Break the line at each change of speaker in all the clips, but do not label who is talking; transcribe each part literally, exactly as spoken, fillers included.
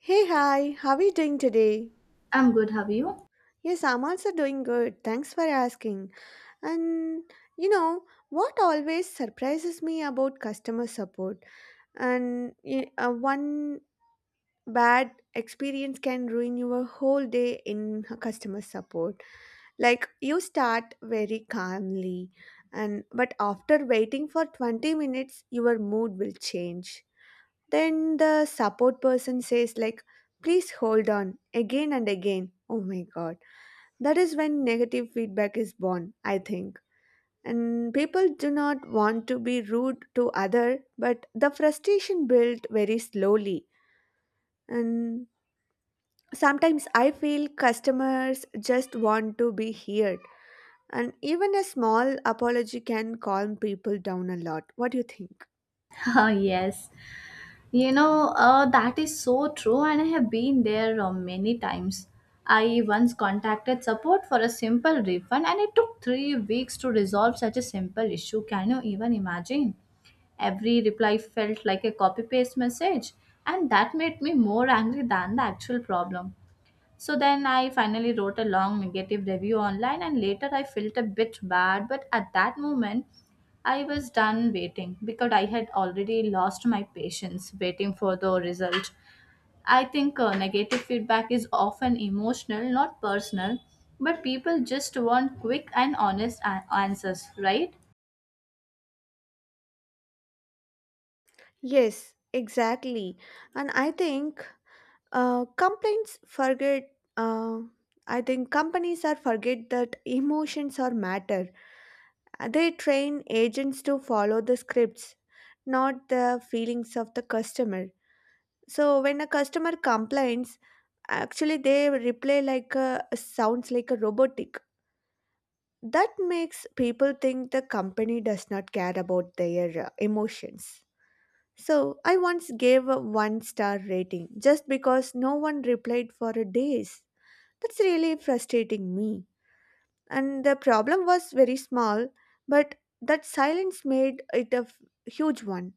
Hey, hi, how are you doing today?
I'm good. Have you?
Yes, I'm also doing good. Thanks for asking. And you know, what always surprises me about customer support and y- uh, one bad experience can ruin your whole day in customer support. Like you start very calmly and but after waiting for twenty minutes your mood will change. Then the support person says, like, please hold on again and again. Oh my God. That is when negative feedback is born, I think. And people do not want to be rude to other, but the frustration built very slowly. And sometimes I feel customers just want to be heard. And even a small apology can calm people down a lot. What do you think?
Oh, yes. You know, uh, that is so true, and I have been there uh, many times. I once contacted support for a simple refund, and it took three weeks to resolve such a simple issue. Can you even imagine? Every reply felt like a copy paste message, and that made me more angry than the actual problem. So then I finally wrote a long negative review online, and later I felt a bit bad. But at that moment, I was done waiting because I had already lost my patience waiting for the result. I think uh, negative feedback is often emotional, not personal, but people just want quick and honest a- answers, right?
Yes, exactly. And I think Uh, complaints forget. Uh, I think companies are forget that emotions are matter. Uh, They train agents to follow the scripts, not the feelings of the customer. So when a customer complains, actually they reply like a sounds like a robotic. That makes people think the company does not care about their uh, emotions. So I once gave a one star rating just because no one replied for days. That's really frustrating me. And the problem was very small, but that silence made it a f- huge one.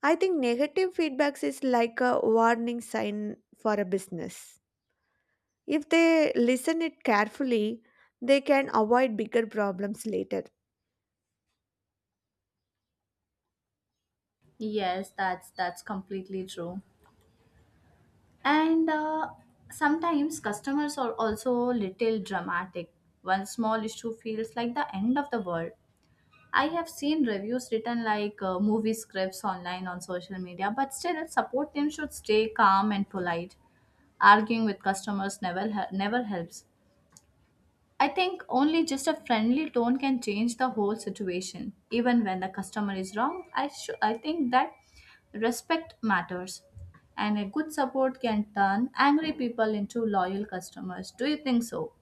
I think negative feedbacks is like a warning sign for a business. If they listen it carefully, they can avoid bigger problems later.
Yes, that's that's completely true. And uh, sometimes customers are also little dramatic. One small issue feels like the end of the world. I have seen reviews written like uh, movie scripts online on social media, but still, support team should stay calm and polite. Arguing with customers never hel- never helps. I think only just a friendly tone can change the whole situation. Even when the customer is wrong, I should I think that respect matters. And a good support can turn angry people into loyal customers. Do you think so?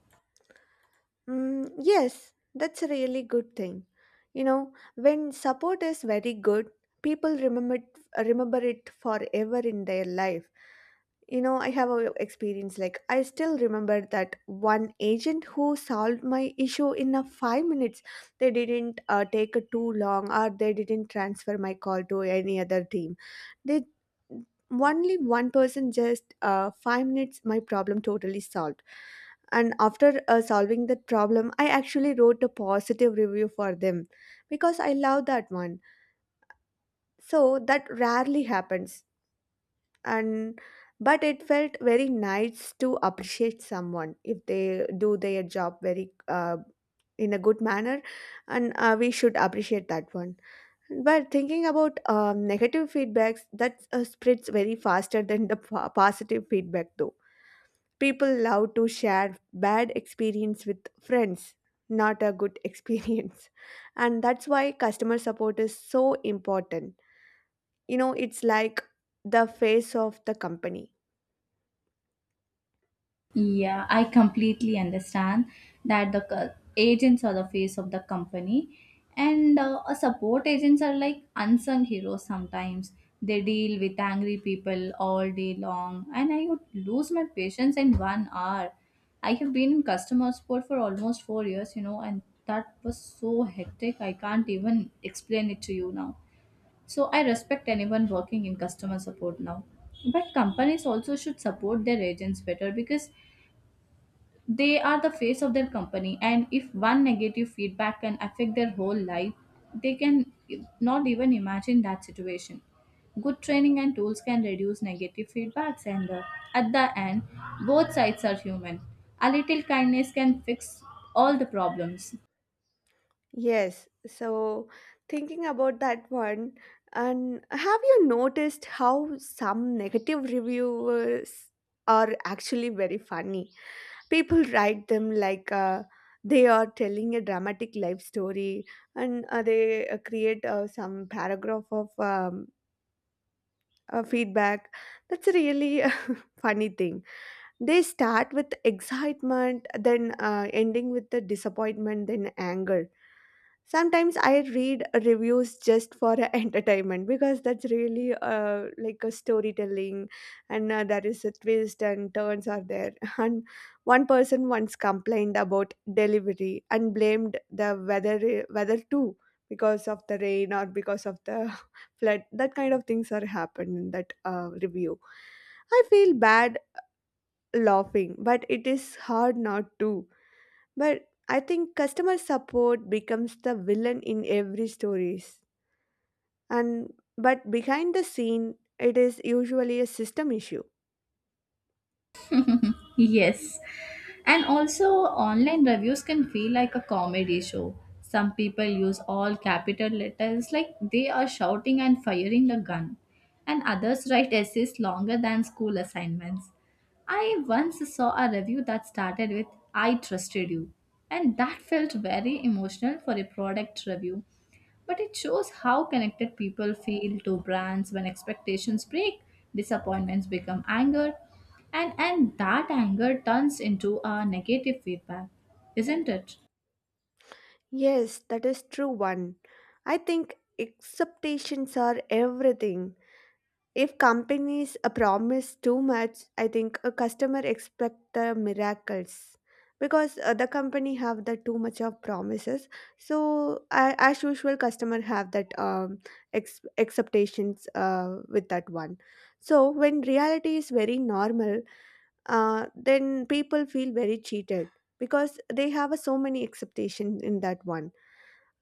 Mm, yes, that's a really good thing. You know, when support is very good, people remember it, remember it forever in their life. You know, I have a experience like I still remember that one agent who solved my issue in a five minutes. They didn't uh, take a too long, or they didn't transfer my call to any other team. They only one person just uh, five minutes, my problem totally solved. And after uh, solving that problem, I actually wrote a positive review for them because I love that one. So that rarely happens. And but it felt very nice to appreciate someone if they do their job very uh, in a good manner, and uh, we should appreciate that one. But thinking about um, negative feedbacks that uh, spreads very faster than the po- positive feedback though. People love to share bad experience with friends, not a good experience. And that's why customer support is so important. You know, it's like the face of the company.
Yeah, I completely understand that the co- agents are the face of the company, and uh, a support agents are like unsung heroes sometimes. They deal with angry people all day long, and I would lose my patience in one hour. I have been in customer support for almost four years, you know, and that was so hectic. I can't even explain it to you now. So I respect anyone working in customer support now. But companies also should support their agents better because they are the face of their company, and if one negative feedback can affect their whole life, they can not even imagine that situation. Good training and tools can reduce negative feedbacks, and uh, at the end, both sides are human. A little kindness can fix all the problems.
Yes. So, thinking about that one, and have you noticed how some negative reviewers are actually very funny? People write them like uh, they are telling a dramatic life story, and uh, they uh, create uh, some paragraph of um, uh, feedback. That's a really a funny thing. They start with excitement, then uh, ending with the disappointment, then anger. Sometimes I read reviews just for entertainment because that's really uh, like a storytelling, and uh, there is a twist and turns are there. And one person once complained about delivery and blamed the weather weather too, because of the rain or because of the flood. That kind of things are happened in that uh, review. I feel bad laughing, but it is hard not to. But I think customer support becomes the villain in every stories. And but behind the scene it is usually a system issue.
Yes. And also, online reviews can feel like a comedy show. Some people use all capital letters like they are shouting and firing a gun, and others write essays longer than school assignments. I once saw a review that started with I trusted you and that felt very emotional for a product review. But it shows how connected people feel to brands when expectations break, disappointments become anger and and that anger turns into a negative feedback, isn't it?
Yes, that is true one. I think expectations are everything. If companies uh, promise too much, I think a customer expect the miracles because uh, the company have the too much of promises. So uh, as usual, customer have that um, ex- expectations uh, with that one. So when reality is very normal, uh, then people feel very cheated because they have uh, so many expectations in that one.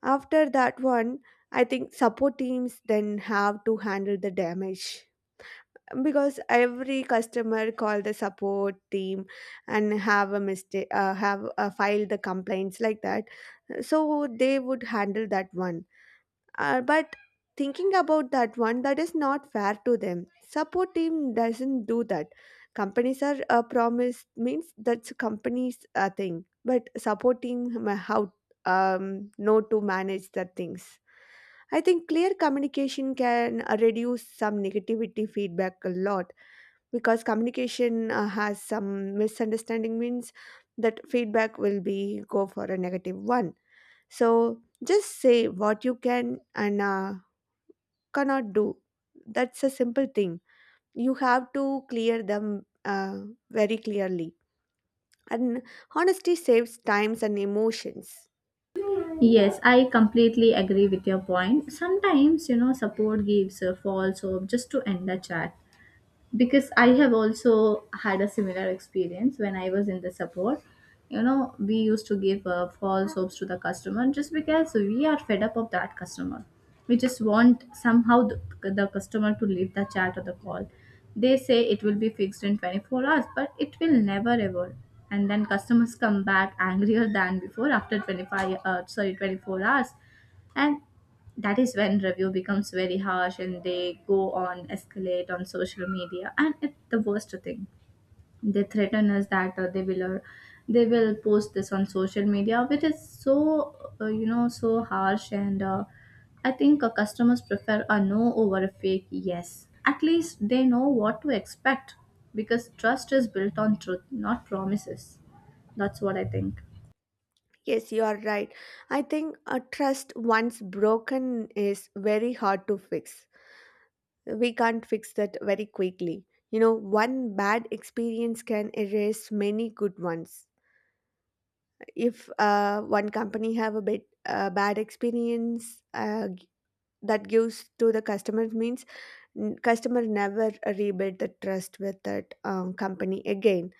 After that one, I think support teams then have to handle the damage because every customer call the support team and have a mistake uh, have uh, filed the complaints like that, so they would handle that one. Uh, but thinking about that one, that is not fair to them. Support team doesn't do that. Companies are uh, promised means that's companies uh, thing, but support team ma- how um, know to manage the things. I think clear communication can uh, reduce some negativity feedback a lot, because communication uh, has some misunderstanding means that feedback will be go for a negative one. So just say what you can and uh, cannot do. That's a simple thing. You have to clear them uh, very clearly. And honesty saves times and emotions.
Yes, I completely agree with your point. Sometimes, you know, support gives a false hope just to end the chat. Because I have also had a similar experience when I was in the support, you know, we used to give uh, false hopes to the customer just because we are fed up of that customer. We just want somehow the, the customer to leave the chat or the call. They say it will be fixed in twenty-four hours, but it will never ever. And then customers come back angrier than before after twenty-five uh, sorry twenty-four hours. And that is when review becomes very harsh and they go on escalate on social media, and it's the worst thing. They threaten us that uh, they will uh, they will post this on social media, which is so uh, you know, so harsh. And uh, I think uh, customers prefer a no over a fake yes. At least they know what to expect, because trust is built on truth, not promises. That's what I think.
Yes, you are right. I think a trust once broken is very hard to fix. We can't fix that very quickly. You know, one bad experience can erase many good ones. If uh, one company have a bit uh, bad experience uh, g- that gives to the customer means n- customer never rebuild the trust with that um, company again.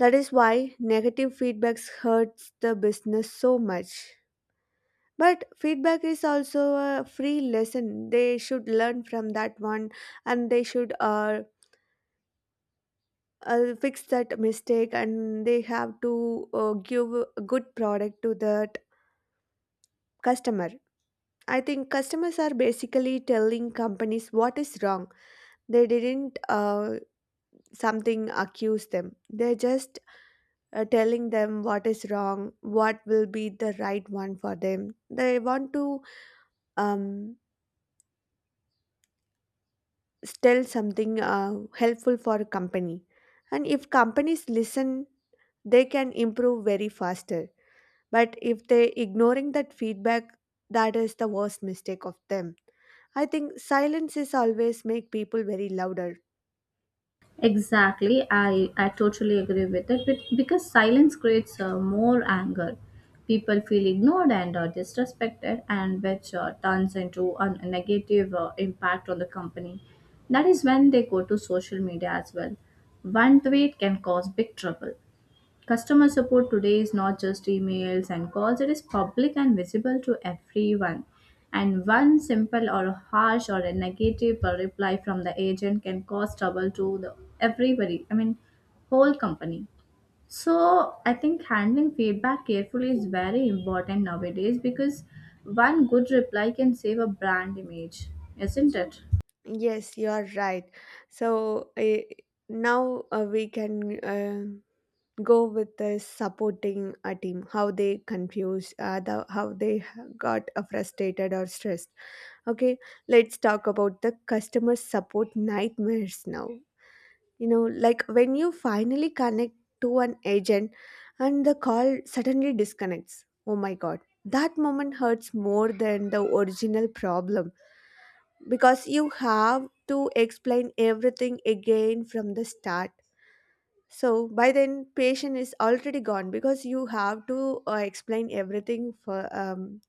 That is why negative feedbacks hurts the business so much. But feedback is also a free lesson. They should learn from that one, and they should uh, uh, fix that mistake, and they have to uh, give a good product to that customer. I think customers are basically telling companies what is wrong. They didn't uh, something accuse them. They're just uh, telling them what is wrong, what will be the right one for them. They want to um, tell something uh, helpful for a company. And if companies listen, they can improve very faster. But if they ignoring that feedback, that is the worst mistake of them. I think silence is always make people very louder.
Exactly, I, I totally agree with it, but because silence creates uh, more anger. People feel ignored and uh, disrespected, and which uh, turns into a a negative uh, impact on the company. That is when they go to social media as well. One tweet can cause big trouble. Customer support today is not just emails and calls, it is public and visible to everyone. And one simple or harsh or a negative reply from the agent can cause trouble to the everybody, I mean, whole company. So, I think handling feedback carefully is very important nowadays because one good reply can save a brand image, isn't it?
Yes, you are right. So, eh, now uh, we can uh, go with the supporting a team, how they confuse uh, the, how they got uh, frustrated or stressed. Okay, let's talk about the customer support nightmares now. You know, like when you finally connect to an agent and the call suddenly disconnects. Oh my god, that moment hurts more than the original problem because you have to explain everything again from the start. So by then patient is already gone because you have to uh, explain everything for um,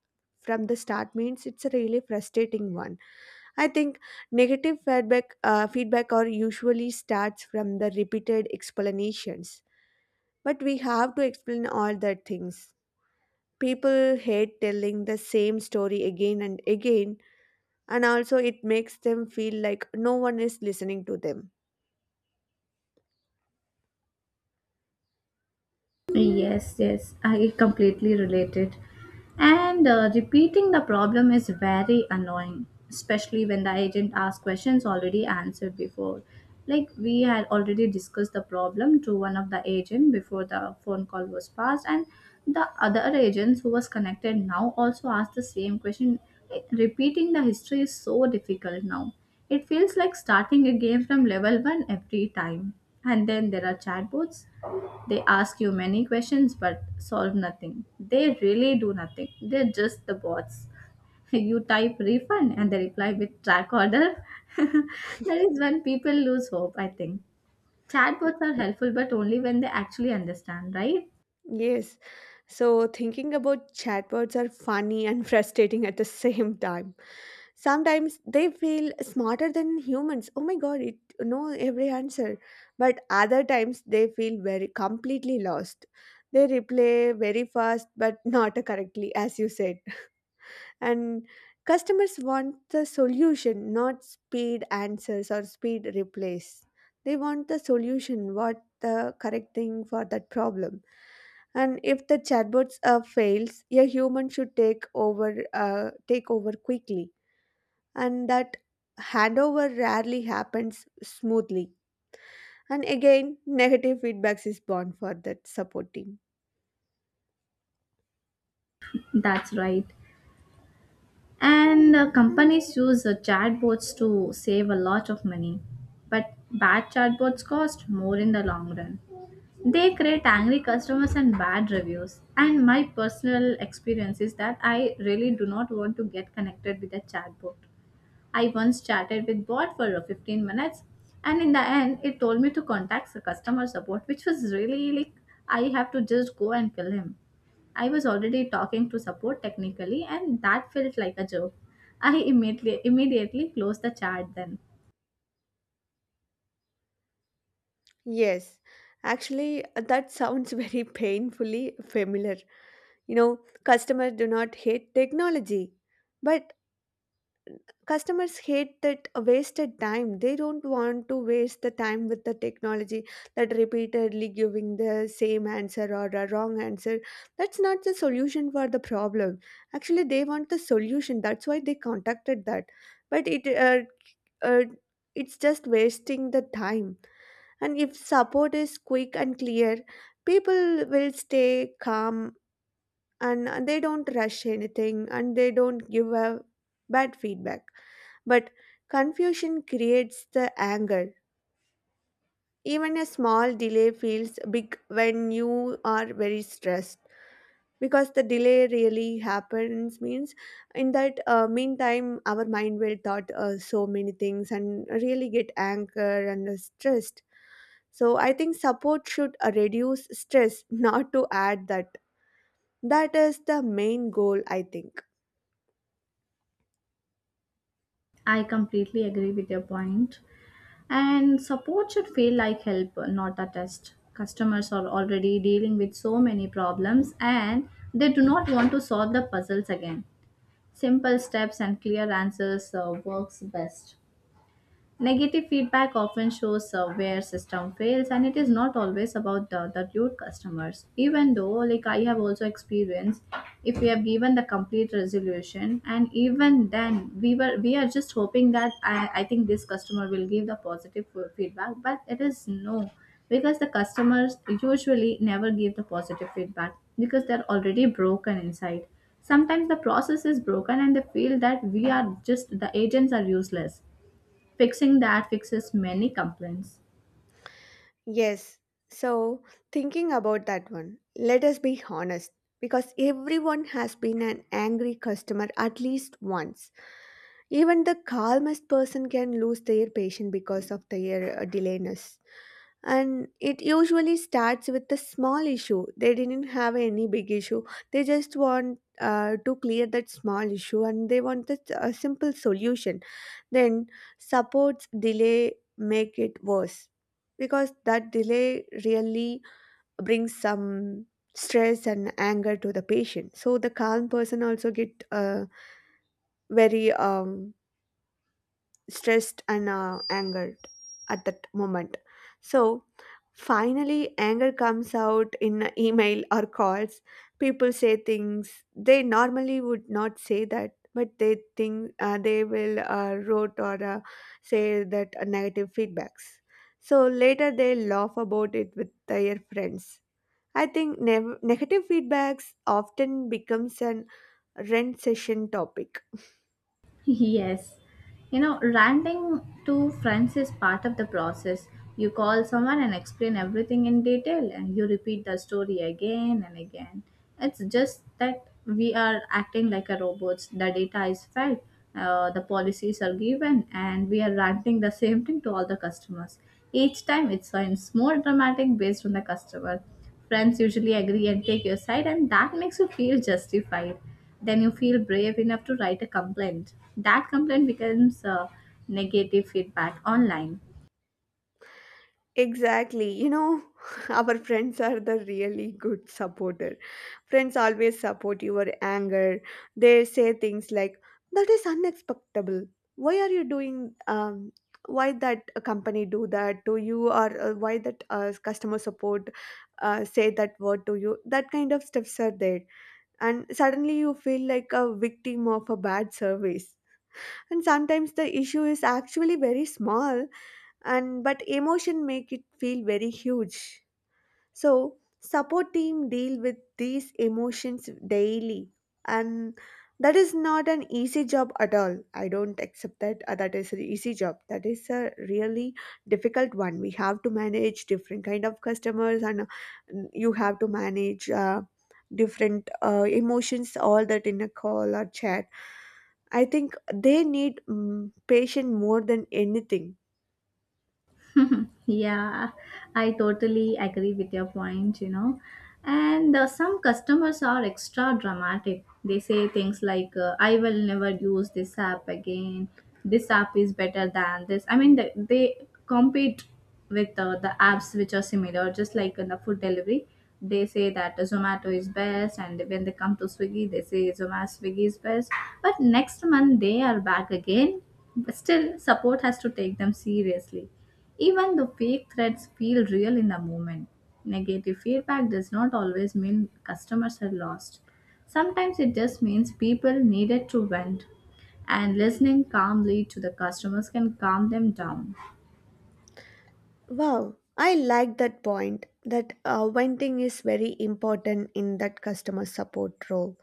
from the start means it's a really frustrating one. I think negative feedback uh, feedback or usually starts from the repeated explanations, but we have to explain all the things. People hate telling the same story again and again, and also it makes them feel like no one is listening to them.
Yes, yes, I completely relate it. And uh, repeating the problem is very annoying, especially when the agent asks questions already answered before. Like we had already discussed the problem to one of the agent before the phone call was passed, and the other agents who was connected now also asked the same question. Like, repeating the history is so difficult now. It feels like starting a game from level one every time. And then there are chatbots, they ask you many questions but solve nothing. They really do nothing. They're just the bots. You type refund and they reply with track order. That is when people lose hope, I think. Chatbots are helpful but only when they actually understand, right?
Yes, so thinking about chatbots are funny and frustrating at the same time. Sometimes they feel smarter than humans. Oh my god, it know every answer. But other times they feel very completely lost. They replay very fast but not correctly, as you said. And customers want the solution, not speed answers or speed replays. They want the solution, what the correct thing for that problem. And if the chatbots uh, fails, a human should take over, uh, take over quickly, and that handover rarely happens smoothly. And again, negative feedbacks is born for that support team.
That's right. And uh, companies use uh, chatbots to save a lot of money. But bad chatbots cost more in the long run. They create angry customers and bad reviews. And my personal experience is that I really do not want to get connected with a chatbot. I once chatted with bot for uh, fifteen minutes, and in the end it told me to contact the customer support, which was really like I have to just go and kill him. I was already talking to support technically, and that felt like a joke. I immediately immediately closed the chat then.
Yes, actually, that sounds very painfully familiar. You know, customers do not hate technology, but customers hate that wasted time. They don't want to waste the time with the technology that repeatedly giving the same answer or a wrong answer. That's not the solution for the problem. Actually, they want the solution. That's why they contacted that. But it uh, uh, it's just wasting the time. And if support is quick and clear, people will stay calm, and uh, they don't rush anything and they don't give a bad feedback. But confusion creates the anger. Even a small delay feels big when you are very stressed, because the delay really happens means, in that uh, meantime, our mind will thought uh, so many things and really get anger and uh, stressed. So I think support should uh, reduce stress not to add that. That is the main goal, I think.
I completely agree with your point. And support should feel like help, not a test. Customers are already dealing with so many problems and they do not want to solve the puzzles again. Simple steps and clear answers uh, works best. Negative feedback often shows uh, where system fails, and it is not always about the, the rude customers. Even though like I have also experienced if we have given the complete resolution, and even then we were we are just hoping that I, I think this customer will give the positive f- feedback, but it is no because the customers usually never give the positive feedback because they're already broken inside. Sometimes the process is broken and they feel that we are just the agents are useless. Fixing that fixes many complaints.
Yes. So, thinking about that one, let us be honest because everyone has been an angry customer at least once. Even the calmest person can lose their patience because of their uh, delayness. And it usually starts with a small issue. They didn't have any big issue. They just want uh, to clear that small issue, and they want a, a simple solution. Then supports delay make it worse, because that delay really brings some stress and anger to the patient, so the calm person also get uh, very um, stressed and uh, angered at that moment. So finally, anger comes out in a email or calls. People say things they normally would not say that, but they think uh, they will uh, wrote or uh, say that uh, negative feedbacks. So later they laugh about it with their friends. I think nev- negative feedbacks often becomes an rent session topic.
Yes. You know, ranting to friends is part of the process. You call someone and explain everything in detail, and you repeat the story again and again. It's just that we are acting like a robots. The data is fed, uh, the policies are given, and we are ranting the same thing to all the customers. Each time it sounds more dramatic based on the customer. Friends usually agree and take your side, and that makes you feel justified, then you feel brave enough to write a complaint. That complaint becomes uh, negative feedback online.
Exactly. You know, our friends are the really good supporter. Friends always support your anger. They say things like, "That is unacceptable. Why are you doing? Um, why that company do that to you, or uh, why that uh, customer support uh, say that word to you? That kind of stuffs are there, and suddenly you feel like a victim of a bad service. And sometimes the issue is actually very small and but emotion make it feel very huge, so support team deal with these emotions daily and that is not an easy job at all I don't accept that uh, that is an easy job. That is a really difficult one. We have to manage different kind of customers, and uh, you have to manage uh, different uh, emotions all that in a call or chat. I think they need mm, patient more than anything.
Yeah, I totally agree with your point, you know. And uh, some customers are extra dramatic. They say things like, uh, I will never use this app again. This app is better than this. I mean, they, they compete with uh, the apps which are similar, just like in the food delivery. They say that Zomato is best, and when they come to Swiggy, they say Zomato Swiggy is best. But next month, they are back again. But still, support has to take them seriously, even the fake threats feel real in the moment. Negative feedback does not always mean customers are lost. Sometimes it just means people needed to vent, and listening calmly to the customers can calm them down.
Wow, I like that point that uh, venting is very important in that customer support role.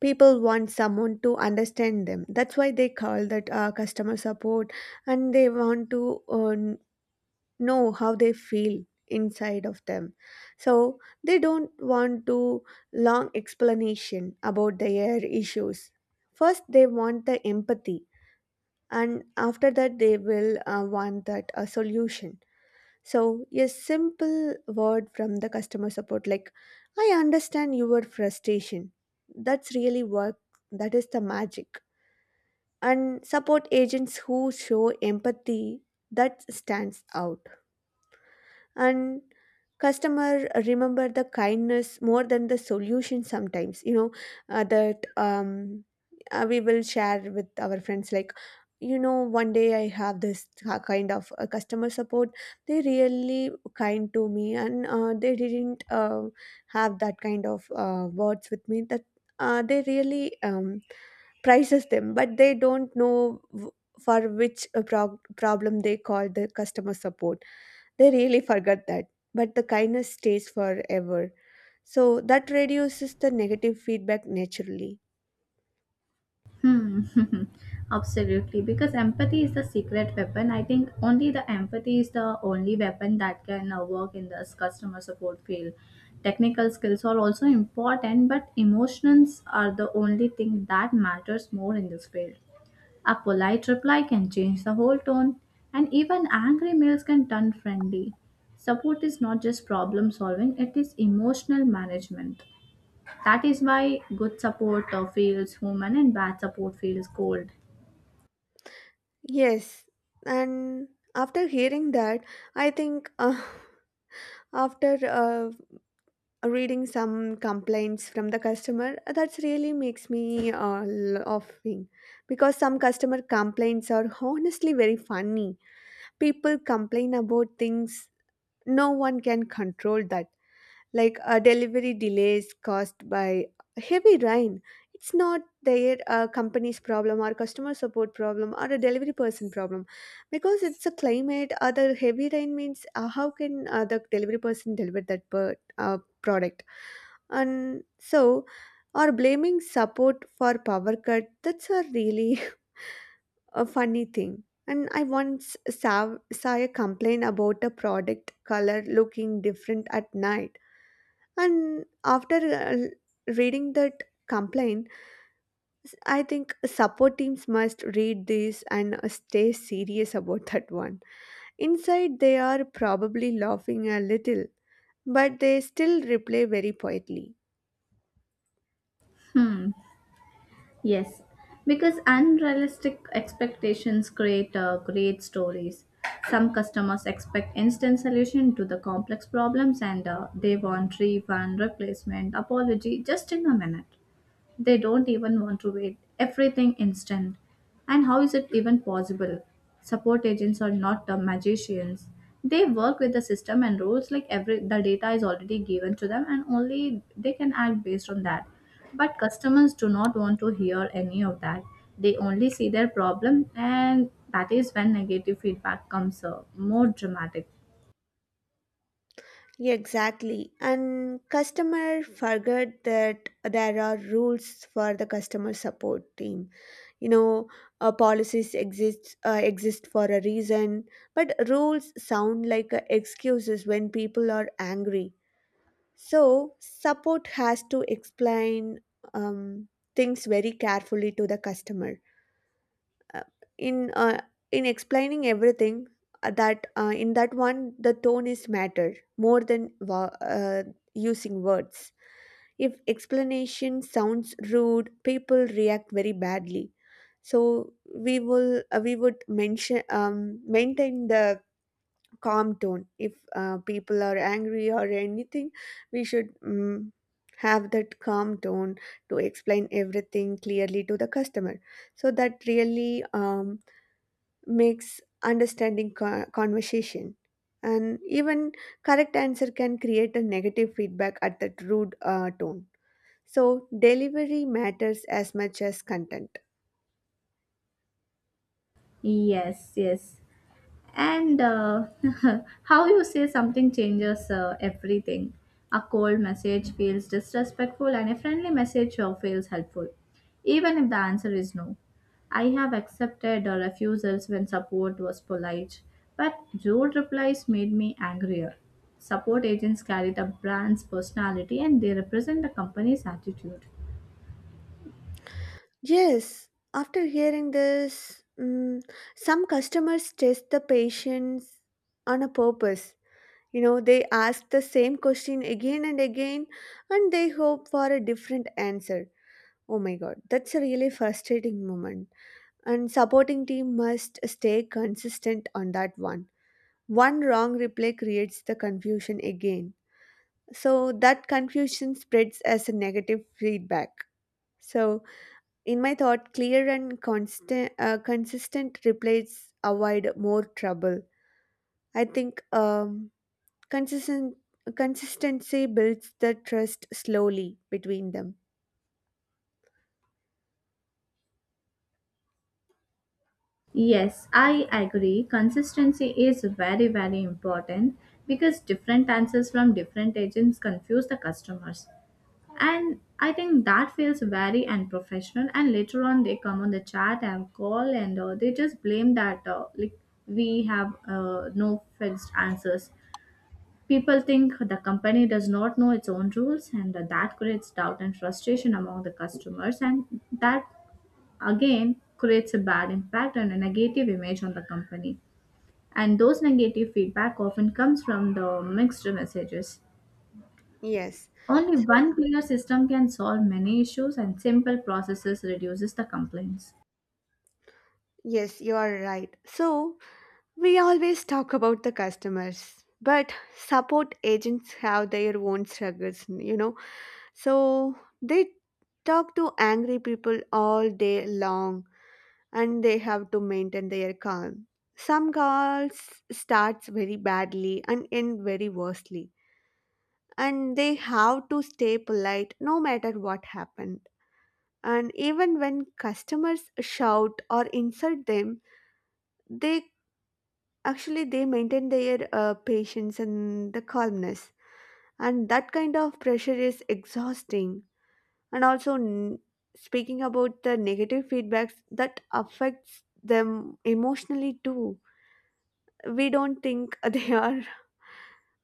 People want someone to understand them. That's why they call that uh, customer support, and they want to uh, know how they feel inside of them. So they don't want to long explanation about their issues. First, they want the empathy, and after that they will uh, want that a solution. So, a simple word from the customer support like, "I understand your frustration." That's really work. That is the magic. And support agents who show empathy, that stands out, and customer remember the kindness more than the solution sometimes. You know uh, that um, uh, We will share with our friends like, you know, one day I have this ca- kind of uh, customer support. They really kind to me, and uh, they didn't uh, have that kind of uh, words with me. That uh, they really um, prices them, but they don't know w- for which uh, prog- problem they call the customer support. They really forget that, but the kindness stays forever. So that reduces the negative feedback naturally.
Hmm. Absolutely. Because empathy is the secret weapon. I think only the empathy is the only weapon that can uh, work in this customer support field. Technical skills are also important, but emotions are the only thing that matters more in this field. A polite reply can change the whole tone, and even angry mails can turn friendly. Support is not just problem solving, it is emotional management. That is why good support uh, feels human and bad support feels cold.
Yes, and after hearing that, I think uh, after uh, reading some complaints from the customer, that's really makes me uh, laughing because some customer complaints are honestly very funny. People complain about things no one can control, that like uh, delivery delays caused by heavy rain. It's not their uh, company's problem or customer support problem or a delivery person problem because it's a climate. Uh, the heavy rain means uh, how can uh, the delivery person deliver that per, uh, product? And so, or blaming support for power cut, that's a really a funny thing. And I once saw, saw a complaint about a product color looking different at night. And after uh, reading that complaint, s- I think support teams must read this and uh, stay serious about that one. Inside, they are probably laughing a little, but they still reply very quietly.
Hmm. Yes, because unrealistic expectations create uh, great stories. Some customers expect instant solution to the complex problems, and uh, they want refund, replacement, apology just in a minute. They don't even want to wait. Everything instant. And how is it even possible? Support agents are not the magicians. They work with the system and rules like every the data is already given to them and only they can act based on that. But customers do not want to hear any of that. They only see their problem, and that is when negative feedback comes uh, more dramatic.
Exactly. And customer forget that there are rules for the customer support team. You know, uh, policies exist uh, exist for a reason, but rules sound like uh, excuses when people are angry. So support has to explain um, things very carefully to the customer. Uh, in uh, in explaining everything, uh, that uh, in that one the tone is matter more than wo- uh, using words. If explanation sounds rude, people react very badly. So we will uh, we would mention um, maintain the calm tone. If uh, people are angry or anything, we should um, have that calm tone to explain everything clearly to the customer. So that really um, makes understanding co- conversation. And even correct answer can create a negative feedback at that rude uh, tone. So, delivery matters as much as content.
Yes, yes. And uh, how you say something changes uh, everything. A cold message feels disrespectful, and a friendly message uh, feels helpful, even if the answer is no. I have accepted uh, refusals when support was polite, but rude replies made me angrier. Support agents carry the brand's personality and they represent the company's attitude.
Yes, after hearing this, mm, some customers test the patience on a purpose. You know, they ask the same question again and again, and they hope for a different answer. Oh my god, that's a really frustrating moment. And supporting team must stay consistent on that one. One wrong reply creates the confusion again. So that confusion spreads as a negative feedback. So, in my thought, clear and constant, uh, consistent replies avoid more trouble. I think um, consistent consistency builds the trust slowly between them.
Yes, I agree. Consistency is very, very important because different answers from different agents confuse the customers. And I think that feels very unprofessional. And later on, they come on the chat and call and uh, they just blame that uh, like we have uh, no fixed answers. People think the company does not know its own rules, and that creates doubt and frustration among the customers, and that again creates a bad impact and a negative image on the company. And those negative feedback often comes from the mixed messages.
Yes.
Only
So,
one clear system can solve many issues and simple processes reduces the complaints.
yes, you are right. So, we always talk about the customers, but support agents have their own struggles, you know. So, they talk to angry people all day long, and they have to maintain their calm. Some calls starts very badly and end very worstly, and they have to stay polite no matter what happened. And even when customers shout or insult them, they actually they maintain their uh, patience and the calmness. And that kind of pressure is exhausting. And also, n- speaking about the negative feedbacks, that affects them emotionally too. We don't think they are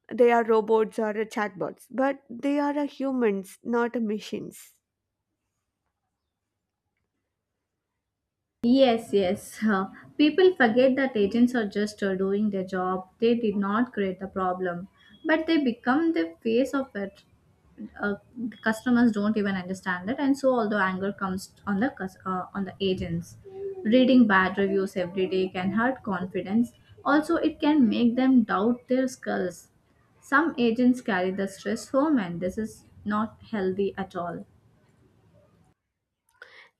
they are robots or chatbots, but they are a humans, not a machines.
Yes, yes. Uh, people forget that agents are just uh, doing their job. They did not create the problem, but they become the face of it. Uh, the customers don't even understand it, and so all the anger comes on the cus- uh, on the agents. Reading bad reviews every day can hurt confidence. Also, it can make them doubt their skills. Some agents carry the stress home, and this is not healthy at all.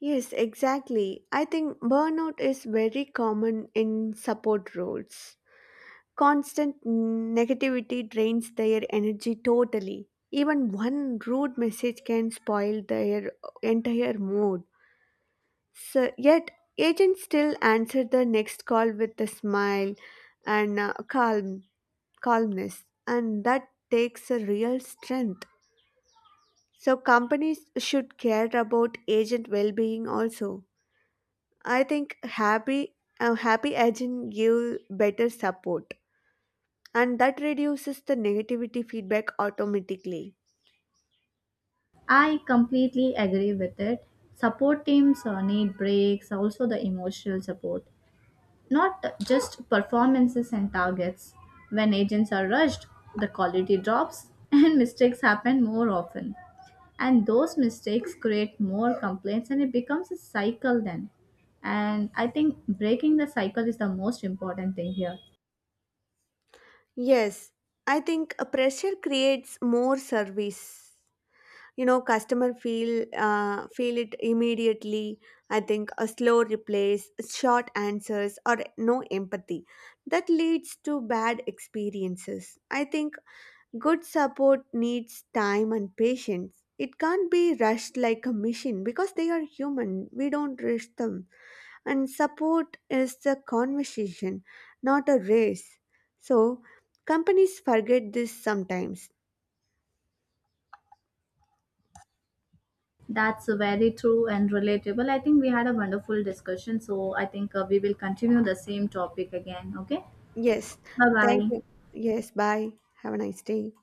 Yes, exactly. I think burnout is very common in support roles. Constant negativity drains their energy totally. Even one rude message can spoil their entire mood. So yet agents still answer the next call with a smile and uh, calm calmness, and that takes a real strength. So, companies should care about agent well being also. I think happy, a happy agent give better support, and that reduces the negativity feedback automatically.
I completely agree with it. Support teams uh, need breaks, also the emotional support, not just performances and targets. When agents are rushed, the quality drops and mistakes happen more often. And those mistakes create more complaints and it becomes a cycle then. And I think breaking the cycle is the most important thing here.
Yes, I think a pressure creates more service. You know, customer feel uh, feel it immediately. I think a slow replies, short answers, or no empathy, that leads to bad experiences. I think good support needs time and patience. It can't be rushed like a machine because they are human. We don't rush them. And support is a conversation, not a race. So, companies forget this sometimes.
That's very true and relatable. I think we had a wonderful discussion. So I think uh, we will continue the same topic again. Okay.
Yes.
Bye
Thank
bye.
you. Yes. Bye. Have a nice day.